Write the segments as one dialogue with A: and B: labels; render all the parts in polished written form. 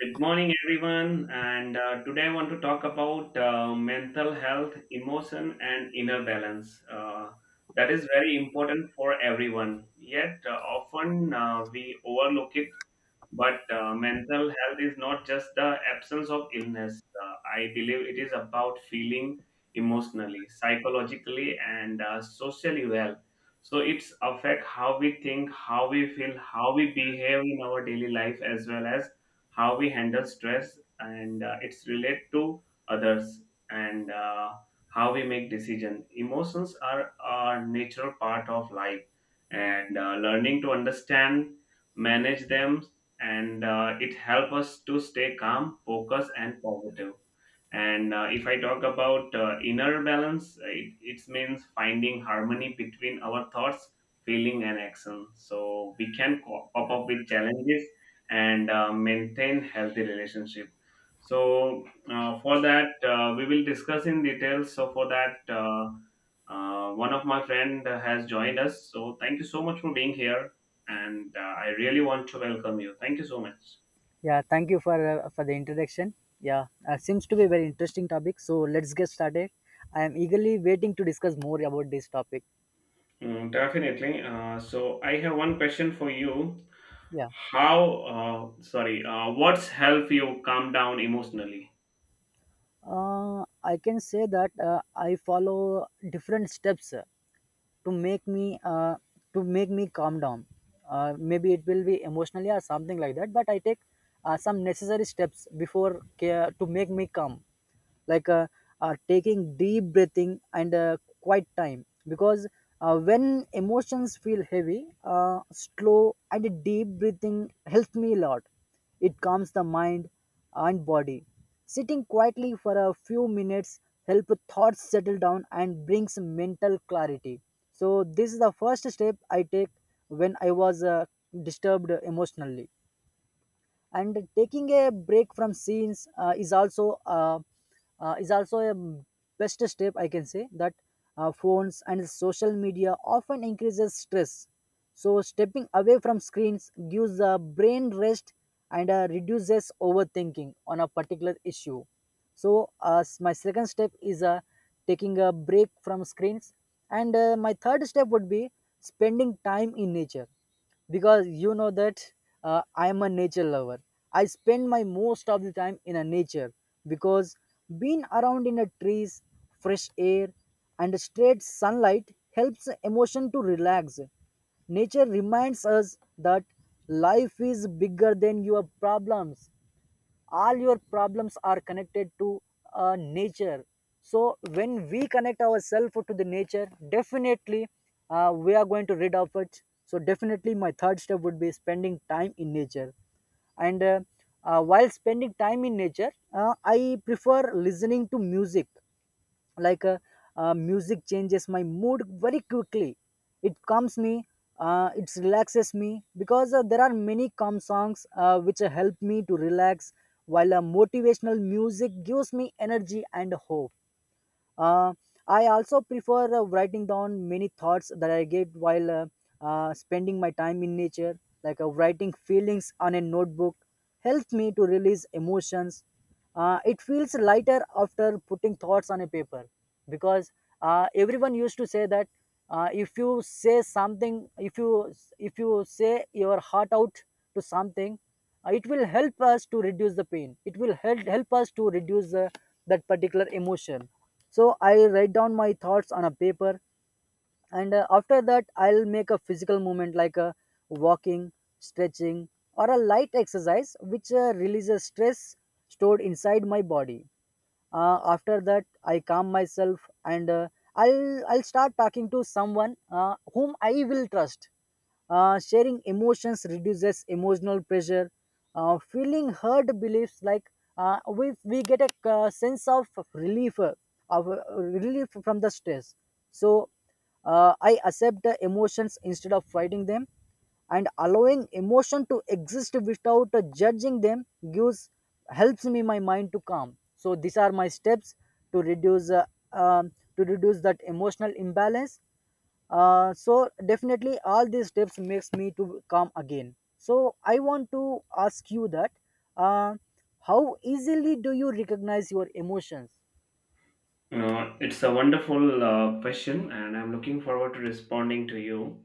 A: Good morning, everyone. And today I want to talk about mental health, emotion, and inner balance. That is very important for everyone. Yet, often we overlook it. But mental health is not just the absence of illness. I believe it is about feeling emotionally, psychologically, and socially well. So it's affect how we think, how we feel, how we behave in our daily life, as well as how we handle stress and its relate to others, and how we make decision. Emotions are a natural part of life, and learning to understand manage them, and it helps us to stay calm focused and positive. And if I talk about inner balance, it means finding harmony between our thoughts feeling and action, so we can pop up with challenges and maintain healthy relationship. So for that we will discuss in details. So for that, one of my friend has joined us, so thank you so much for being here, and I really want to welcome you. Thank you so much.
B: Yeah, thank you for the introduction. Yeah, seems to be a very interesting topic. So let's get started. I am eagerly waiting to discuss more about this topic.
A: Mm, definitely. So I have one question for you.
B: Yeah,
A: How sorry What's help you calm down emotionally?
B: I can say that I follow different steps, to make me uh, to make me calm down. Maybe it will be emotionally or something like that, but I take some necessary steps before care to make me calm, like taking deep breathing and quiet time, because when emotions feel heavy, slow and deep breathing helps me a lot. It calms the mind and body. Sitting quietly for a few minutes help thoughts settle down and brings mental clarity. So this is the first step I take when I was disturbed emotionally. And taking a break from scenes is also a best step, I can say that. Phones and social media often increases stress, so stepping away from screens gives the brain rest and reduces overthinking on a particular issue. So my second step is taking a break from screens. And my third step would be spending time in nature, because you know that I am a nature lover. I spend my most of the time in a nature, because being around in a trees, fresh air, and straight sunlight helps emotion to relax. Nature reminds us that life is bigger than your problems. All your problems are connected to nature. So when we connect ourselves to the nature, definitely we are going to rid of it. So definitely my third step would be spending time in nature. And while spending time in nature, I prefer listening to music. Like music changes my mood very quickly. It calms me, it relaxes me, because there are many calm songs which help me to relax, while motivational music gives me energy and hope. uh, I also prefer writing down many thoughts that I get while spending my time in nature. Like writing feelings on a notebook helps me to release emotions. It feels lighter after putting thoughts on a paper, because everyone used to say that if you say something, if you say your heart out to something, it will help us to reduce the pain. It will help us to reduce that particular emotion. So I write down my thoughts on a paper. And after that I'll make a physical movement like a walking, stretching, or a light exercise which releases stress stored inside my body. After that I calm myself, and I'll start talking to someone whom I will trust. Sharing emotions reduces emotional pressure. Feeling hurt beliefs, like we get a sense of relief, of relief from the stress. So I accept the emotions instead of fighting them, and allowing emotion to exist without judging them gives helps me my mind to calm. So these are my steps to reduce uh, to reduce that emotional imbalance. So definitely, all these steps makes me to calm again. So I want to ask you that uh, how easily do you recognize your emotions?
A: It's a wonderful question, and I'm looking forward to responding to you.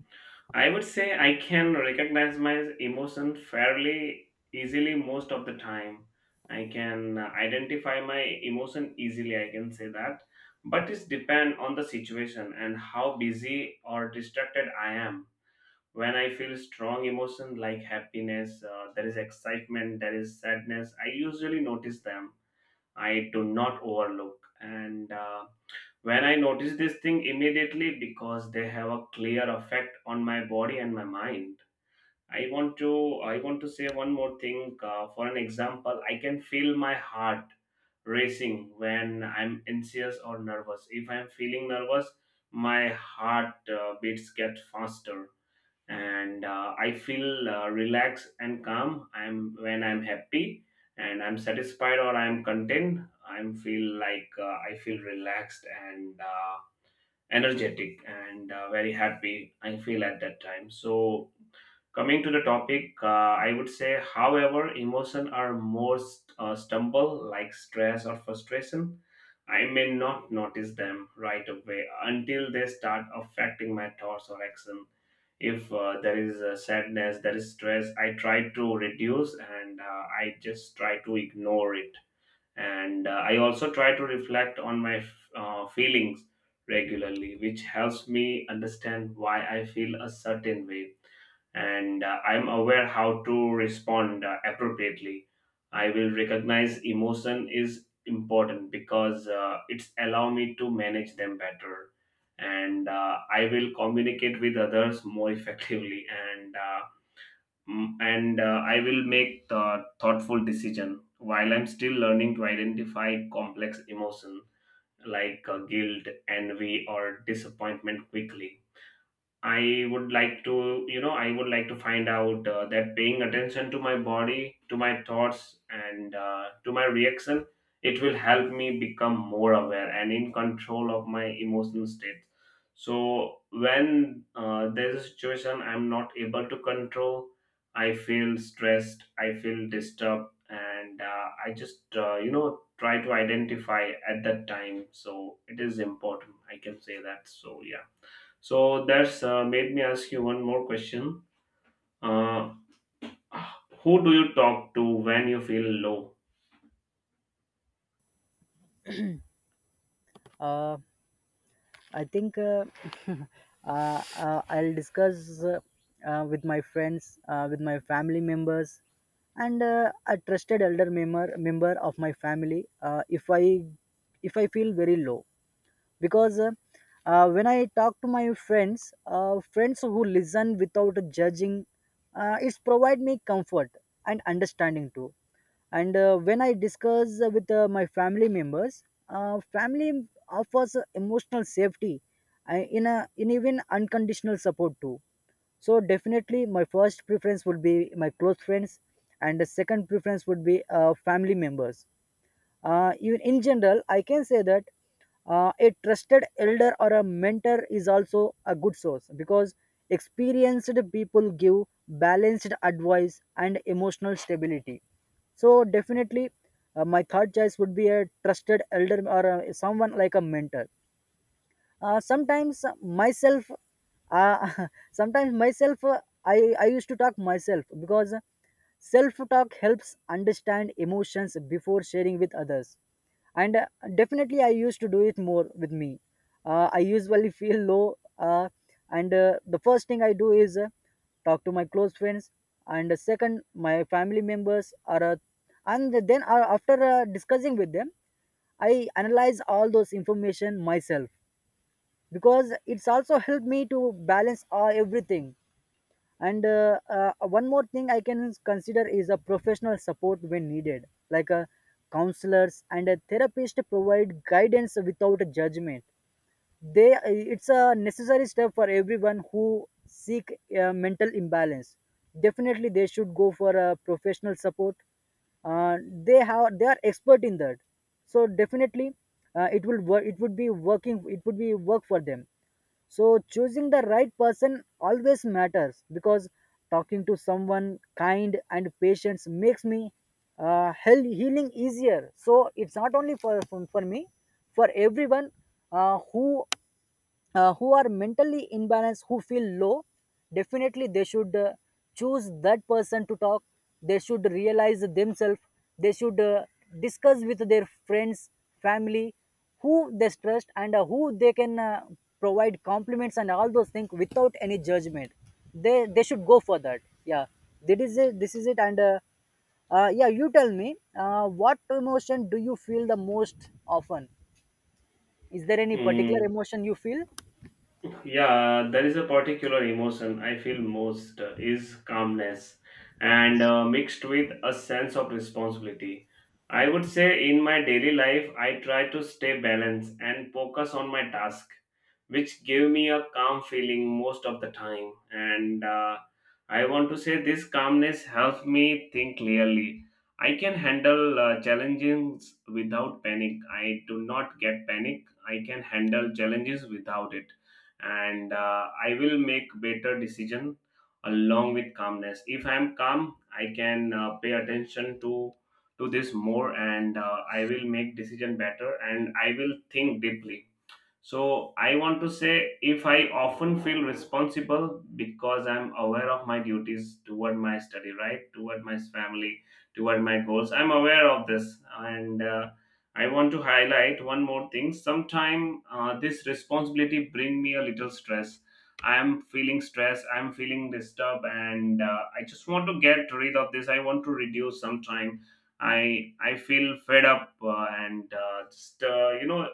A: I would say I can recognize my emotion fairly easily most of the time. I can identify my emotion easily, I can say that. But it's depend on the situation and how busy or distracted I am. When I feel strong emotion like happiness, there is excitement, there is sadness, I usually notice them. I do not overlook. And when I notice this thing immediately because they have a clear effect on my body and my mind. I want to say one more thing. For an example, I can feel my heart racing when I'm anxious or nervous. If I'm feeling nervous, my heart beats get faster, and I feel relaxed and calm. I'm when I'm happy and I'm satisfied or I'm content, I'm feel like I feel relaxed and energetic and very happy I feel at that time. So coming to the topic, I would say however emotion are more stumble like stress or frustration. I may not notice them right away until they start affecting my thoughts or action. If there is sadness, there is stress, I try to reduce, and I just try to ignore it. And I also try to reflect on my feelings regularly, which helps me understand why I feel a certain way, and I'm aware how to respond appropriately. I will recognize emotion is important because it's allow me to manage them better, and I will communicate with others more effectively, and Mm, and I will make the thoughtful decision while I'm still learning to identify complex emotion like guilt, envy, or disappointment quickly. I would like to, you know, I would like to find out that paying attention to my body, to my thoughts, and to my reaction, it will help me become more aware and in control of my emotional state. So when there's a situation I'm not able to control, I feel stressed, I feel disturbed, and I just try to identify at that time. So it is important, I can say that. So yeah. So that's made me ask you one more question. Uh, who do you talk to when you feel low?
B: Uh, I think I'll discuss with my friends, with my family members, and a trusted elder member of my family. If I feel very low, because when I talk to my friends, friends who listen without judging, it's provide me comfort and understanding too. And when I discuss with my family members, family offers emotional safety, uh, in a in even unconditional support too. So definitely my first preference would be my close friends, and the second preference would be family members. Even in general, I can say that a trusted elder or a mentor is also a good source, because experienced people give balanced advice and emotional stability. So definitely my third choice would be a trusted elder or someone like a mentor. Sometimes myself, sometimes myself I used to talk myself, because self talk helps understand emotions before sharing with others. And definitely I used to do it more with me. I usually feel low, uh, and the first thing I do is talk to my close friends. And second my family members are, and then after discussing with them I analyze all those information myself, because it's also helped me to balance all, everything. And one more thing I can consider is a professional support when needed, like counselors and a therapist provide guidance without judgment. They, it's a necessary step for everyone who seek mental imbalance. Definitely they should go for a professional support. uh, they are expert in that. So definitely it will work, it would be working, it would be work for them. So choosing the right person always matters, because talking to someone kind and patient makes me healing easier. So it's not only for me, for everyone, uh, who who are mentally imbalanced, who feel low. Definitely they should choose that person to talk. They should realize themselves. They should discuss with their friends, family, who they trust, and who they can provide compliments and all those things without any judgment. They should go for that. Yeah, that is it. This is it. And yeah, you tell me, what emotion do you feel the most often? Is there any particular
A: Hmm,
B: emotion you feel?
A: Yeah, there is a particular emotion I feel most is calmness and mixed with a sense of responsibility. I would say in my daily life I try to stay balanced and focus on my task, which give me a calm feeling most of the time. And I want to say this calmness helps me think clearly. I can handle challenges without panic. I do not get panic. I can handle challenges without it, and I will make better decision. Along with calmness, if I am calm I can pay attention to this more, and I will make decision better, and I will think deeply. So I want to say if I often feel responsible because I'm aware of my duties toward my study, right? Toward my family, toward my goals. I'm aware of this. And I want to highlight one more thing. Sometime this responsibility bring me a little stress. I'm feeling stress. I'm feeling disturbed. And I just want to get rid of this. I want to reduce sometime. I feel fed up, and just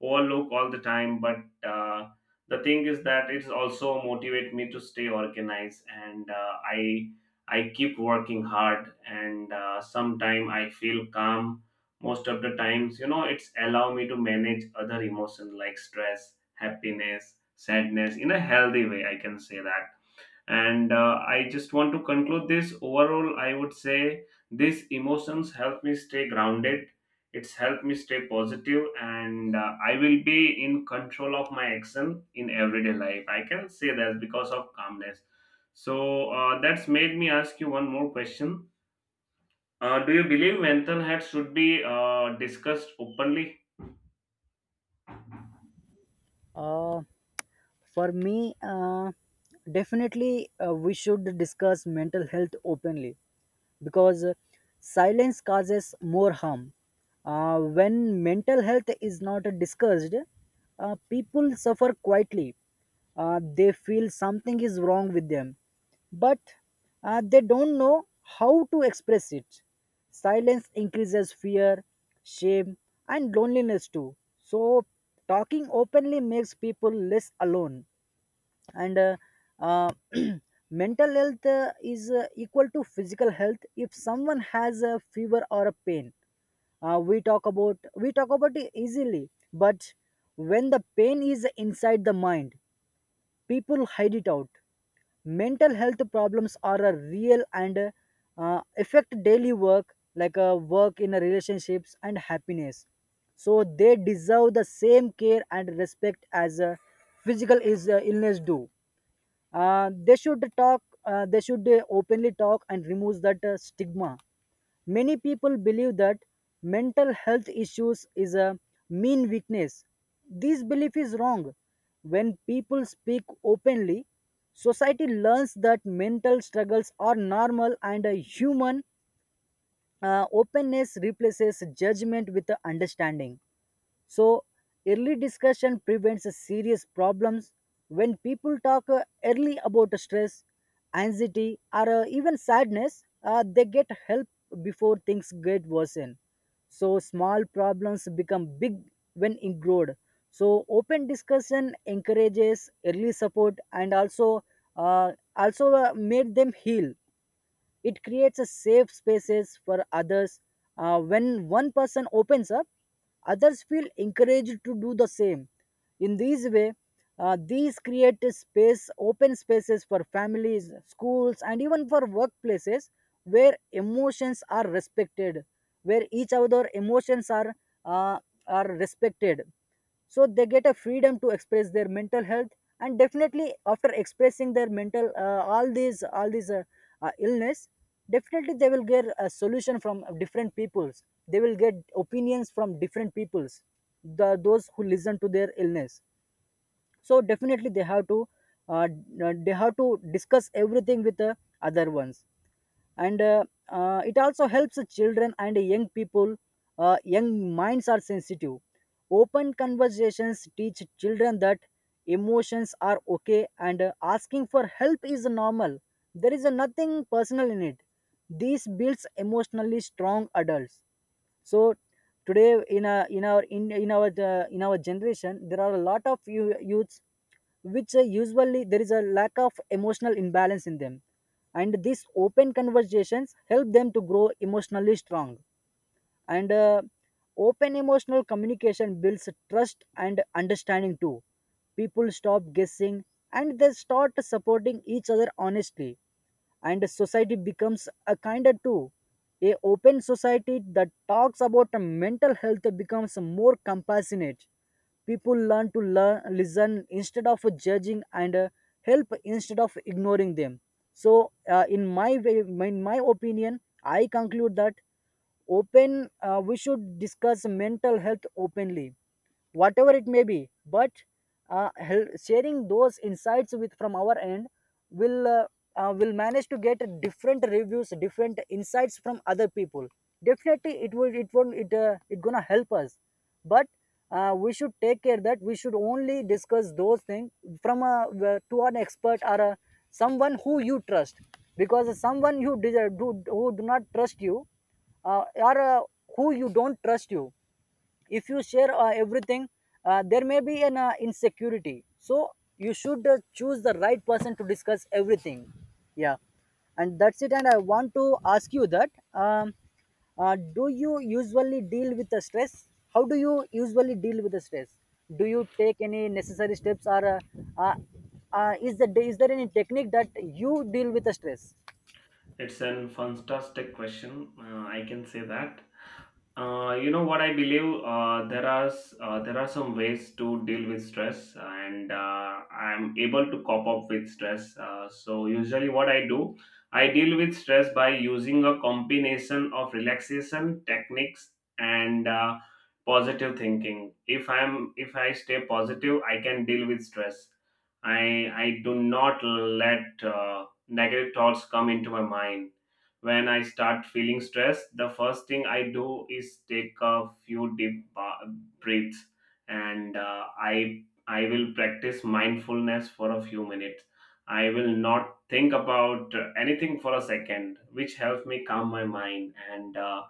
A: overlook all the time. But uh, the thing is that it's also motivate me to stay organized, and I keep working hard, and sometime I feel calm. Most of the times, it's allow me to manage other emotions like stress happiness sadness in a healthy way, I can say that. And I just want to conclude this. Overall, I would say these emotions help me stay grounded. It's helped me stay positive, and I will be in control of my action in everyday life, I can say that, because of calmness. So that's made me ask you one more question. Do you believe mental health should be discussed openly?
B: Uh, For me, definitely we should discuss mental health openly, because silence causes more harm. When mental health is not discussed, people suffer quietly. They feel something is wrong with them, but they don't know how to express it. Silence increases fear, shame, and loneliness too. So talking openly makes people less alone. And uh, mental health is equal to physical health. If someone has a fever or a pain, we talk about it easily. But when the pain is inside the mind, people hide it out. Mental health problems are a real, and affect daily work like work in a relationships and happiness. So they deserve the same care and respect as physical illness do. They should talk, they should openly talk and remove that stigma. Many people believe that mental health issues is a mean weakness. This belief is wrong. When people speak openly, society learns that mental struggles are normal and a human. Openness replaces judgment with understanding. So early discussion prevents serious problems. When people talk early about stress, anxiety, or even sadness, they get help before things get worsen. So small problems become big when ignored. So open discussion encourages early support and also made them heal. It creates a safe spaces for others. When one person opens up, others feel encouraged to do the same. In this way, these create open spaces for families, schools, and even for workplaces where emotions are respected, where each other emotions uh, are respected. So they get a freedom to express their mental health. And definitely after expressing their mental, all these illness, definitely they will get a solution from different peoples. They will get opinions from different peoples, those who listen to their illness. So definitely uh, they have to discuss everything with the other ones. And it also helps children and young people. Young minds are sensitive. Open conversations teach children that emotions are okay, and asking for help is normal. There is nothing personal in it. This builds emotionally strong adults. So today in a in our generation, there are a lot of youths which usually there is a lack of emotional imbalance in them. And these open conversations help them to grow emotionally strong. And open emotional communication builds trust and understanding too. People stop guessing, and they start supporting each other honestly, and society becomes a kinder too. A open society that talks about mental health becomes more compassionate. People learn, listen instead of judging, and help instead of ignoring them. So in my opinion I conclude that open we should discuss mental health openly, whatever it may be. But sharing those insights with from Our end will uh, will manage to get different reviews, different insights from other people. Definitely it will it won't it it gonna help us. But we should take care that we should only discuss those things from a to an expert, or a, someone who you trust. Because someone who do not trust you, or who you don't trust you, if you share everything, there may be an insecurity. So you should choose the right person to discuss everything. Yeah. And that's it. And I want to ask you that do you usually deal with the stress? How do you usually deal with the stress? Do you take any necessary steps, or uh, is, the, is there any technique that you deal with the stress?
A: It's an fantastic question, I can say that. You know what, I believe there are some ways to deal with stress, and I'm able to cope up with stress. So usually what I do, I deal with stress by using a combination of relaxation techniques and positive thinking. If I stay positive, I can deal with stress. I I do not let negative thoughts come into my mind. When I start feeling stressed, the first thing I do is take a few deep breaths, and I will practice mindfulness for a few minutes. I will not think about anything for a second, which helps me calm my mind and.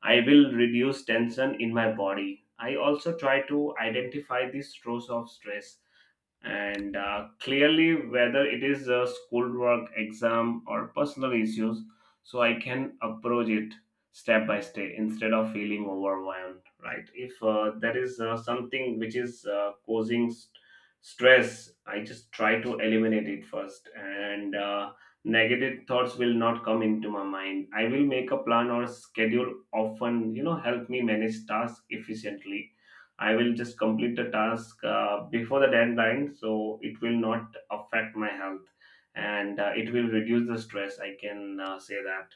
A: I will reduce tension in my body. I also try to identify the source of stress, and clearly whether it is a schoolwork exam or personal issues, so I can approach it step by step instead of feeling overwhelmed, right? If there is something which is causing stress, I just try to eliminate it first, and negative thoughts will not come into my mind. I will make a plan or schedule often, help me manage tasks efficiently. I will just complete the task before the deadline, so it will not affect my health, and it will reduce the stress. I can say that.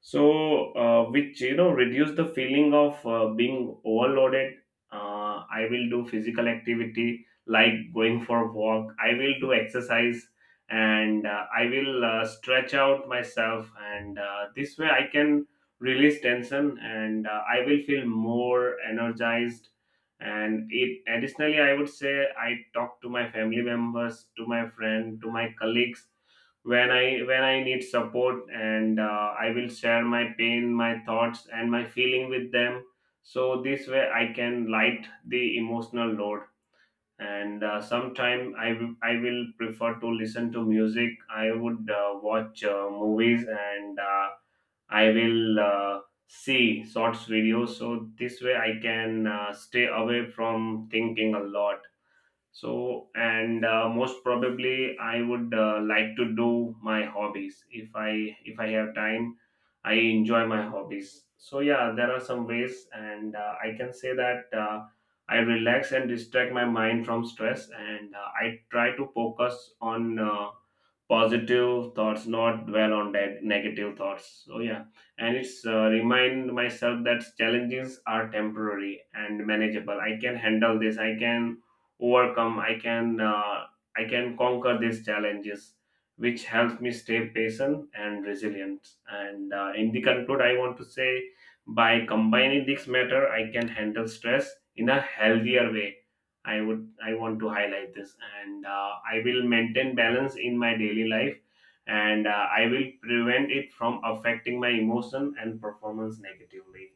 A: So, which, reduce the feeling of being overloaded. I will do physical activity like going for a walk. I will do exercise, and I will stretch out myself, and this way I can release tension, and I will feel more energized. And it additionally, I would say I talk to my family members, to my friend, to my colleagues when I need support, and I will share my pain, my thoughts, and my feeling with them, so this way I can light the emotional load. And sometime I will prefer to listen to music, I would watch movies, and I will see shorts videos, so this way I can stay away from thinking a lot. So, and most probably I would like to do my hobbies if I have time. I enjoy my hobbies. So yeah, there are some ways, and I can say that I relax and distract my mind from stress, and I try to focus on positive thoughts, not dwell on negative thoughts. So yeah. And it's remind myself that challenges are temporary and manageable. I can handle this, I can overcome, I can conquer these challenges, which helps me stay patient and resilient. And in the conclude, I want to say by combining this matter I can handle stress in a healthier way. I want to highlight this, and I will maintain balance in my daily life. And I will prevent it from affecting my emotion and performance negatively.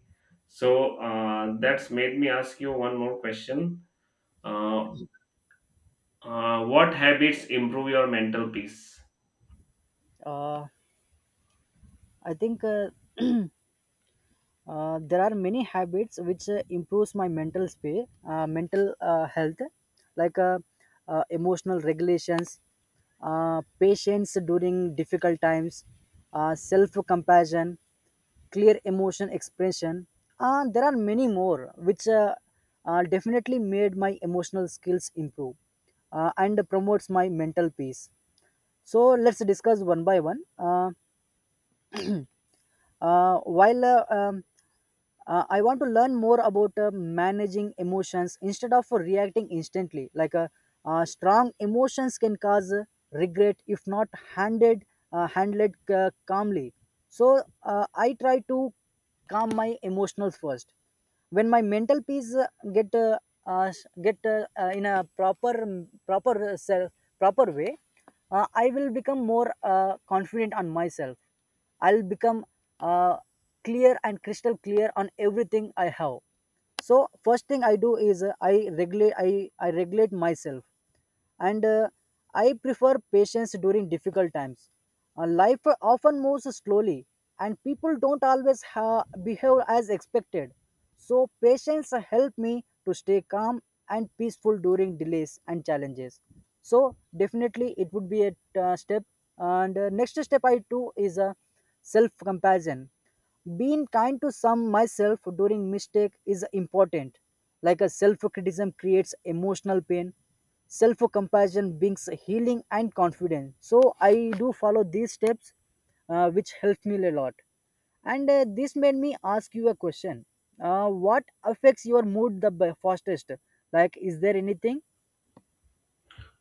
A: So that's made me ask you one more question. Uh, uh, what habits improve your mental peace?
B: Uh, i think uh, Uh, there are many habits which improves my mental space, mental health, like emotional regulations, patience during difficult times, self-compassion, clear emotion expression. There are many more which definitely made my emotional skills improve and promotes my mental peace. So let's discuss one by one. While I want to learn more about managing emotions instead of reacting instantly. Strong emotions can cause regret if not handled, handled calmly. So I try to calm my emotions first. When my mental peace get uh, uh, get in a proper proper uh, self, proper way, I will become more confident on myself. I'll become uh, clear and crystal clear on everything I have. So first thing I do is I regulate myself, and I prefer patience during difficult times. Life often moves slowly, and people don't always behave as expected. So, patience helped me to stay calm and peaceful during delays and challenges. So, definitely, it would be a step. And next step I do is self compassion. Being kind to some myself during mistake is important, like a self criticism creates emotional pain, self compassion brings healing and confidence. So I do follow these steps, which helped me a lot. And this made me ask you a question. What affects your mood the fastest? Like, is there anything?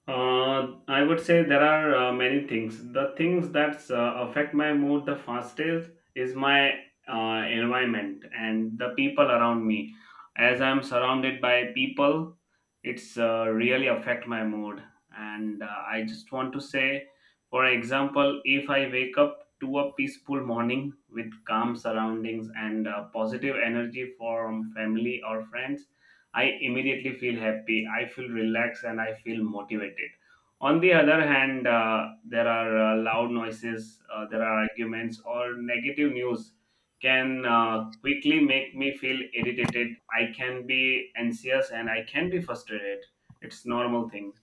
A: I would say there are many things. The things that affect my mood the fastest is my environment and the people around me. As I'm surrounded by people, it's really affect my mood. And I just want to say, for example, if I wake up to a peaceful morning with calm surroundings and positive energy from family or friends, I immediately feel happy, I feel relaxed, and I feel motivated. On the other hand, there are loud noises, there are arguments, or negative news can quickly make me feel irritated. I can be anxious and I can be frustrated. It's normal thing.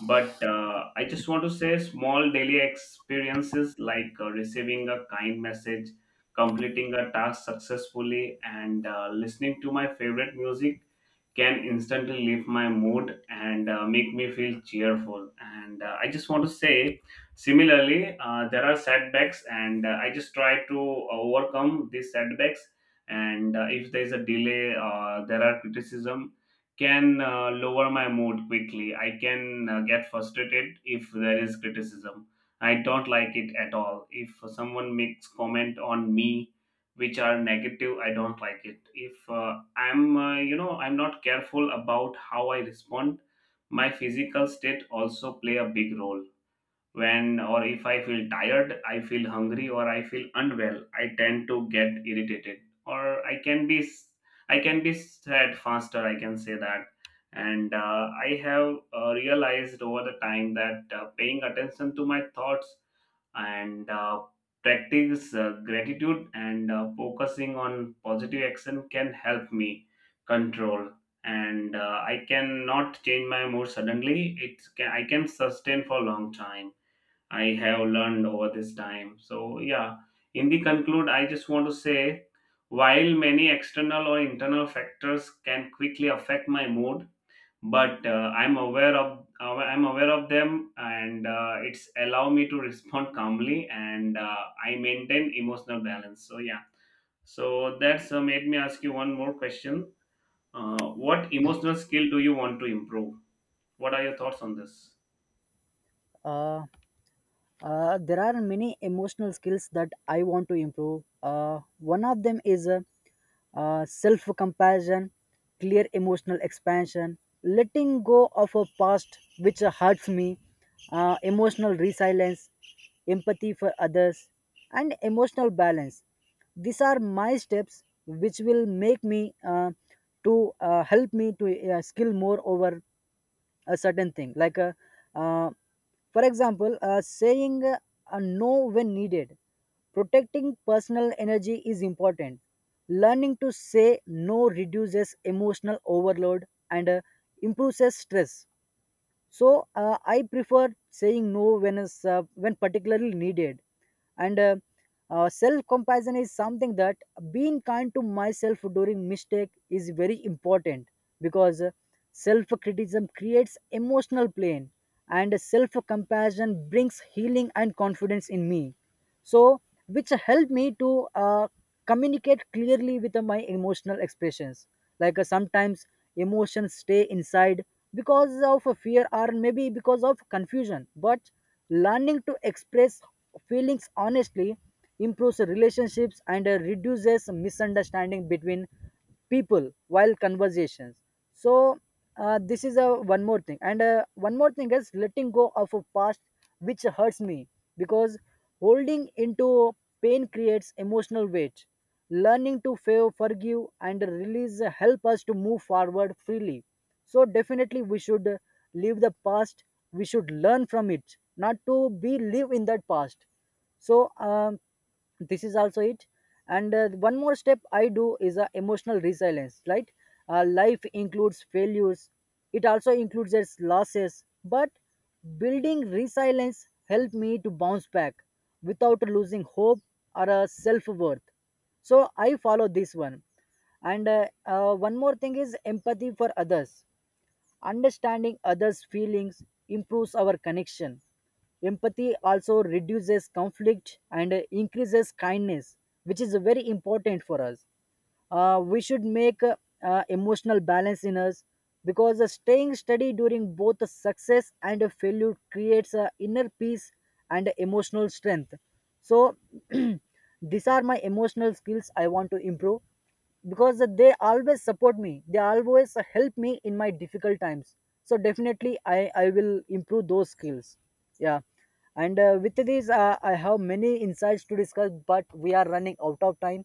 A: But I just want to say small daily experiences like receiving a kind message, completing a task successfully, and listening to my favorite music can instantly lift my mood and make me feel cheerful. And I just want to say, similarly, there are setbacks, and I just try to overcome these setbacks. And if there is a delay, there are criticism can lower my mood quickly. I can get frustrated if there is criticism. I don't like it at all. If someone makes comment on me which are negative, I don't like it. If I'm you know I'm not careful about how I respond, my physical state also play a big role when or if I feel tired, I feel hungry, or I feel unwell, I tend to get irritated, or I can be sad faster. I can say that, and I have realized over the time that paying attention to my thoughts and practice gratitude and focusing on positive action can help me control, and I cannot change my mood suddenly, it can I can sustain for a long time. I have learned over this time. So, yeah, in the conclude, I just want to say while many external or internal factors can quickly affect my mood, but I'm aware of them, and it's allow me to respond calmly, and I maintain emotional balance. So yeah, so that's made me ask you one more question. What emotional skill do you want to improve? What are your thoughts on this?
B: uh, there are many emotional skills that I want to improve. One of them is self compassion, clear emotional expansion, letting go of a past which hurts me, emotional resilience, empathy for others, and emotional balance. These are my steps which will make me to help me to skill more over a certain thing, like a, uh, for example, saying a no when needed. Protecting personal energy is important. Learning to say no reduces emotional overload and improves stress. So I prefer saying no when is when particularly needed. And self compassion is something that being kind to myself during mistake is very important, because self criticism creates emotional pain and self compassion brings healing and confidence in me. So, which helped me to communicate clearly with my emotional expressions. Like sometimes emotions stay inside because of a fear, or maybe because of confusion, but learning to express feelings honestly improves relationships and reduces misunderstanding between people while conversations. So this is a one more thing. And one more thing is letting go of a past which hurts me, because holding into pain creates emotional weight. Learning to fail, forgive and release help us to move forward freely. So definitely we should leave the past, we should learn from it, not to be live in that past. So this is also it. And one more step I do is emotional resilience, right? Life includes failures, it also includes its losses, but building resilience helped me to bounce back without losing hope or self-worth. So I follow this one. And one more thing is empathy for others. Understanding others' feelings improves our connection. Empathy also reduces conflict and increases kindness, which is very important for us. We should make emotional balance in us, because staying steady during both a success and a failure creates a inner peace and emotional strength. So, these are my emotional skills I want to improve, because they always support me, they always help me in my difficult times. So definitely I will improve those skills. Yeah. And with this, I have many insights to discuss, but we are running out of time,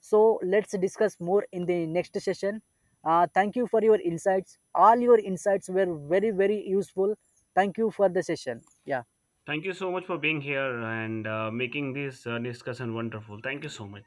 B: so let's discuss more in the next session. Thank you for your insights, all your insights were very very useful. Thank you for the session. Yeah.
A: Thank you so much for being here and making this discussion wonderful. Thank you so much.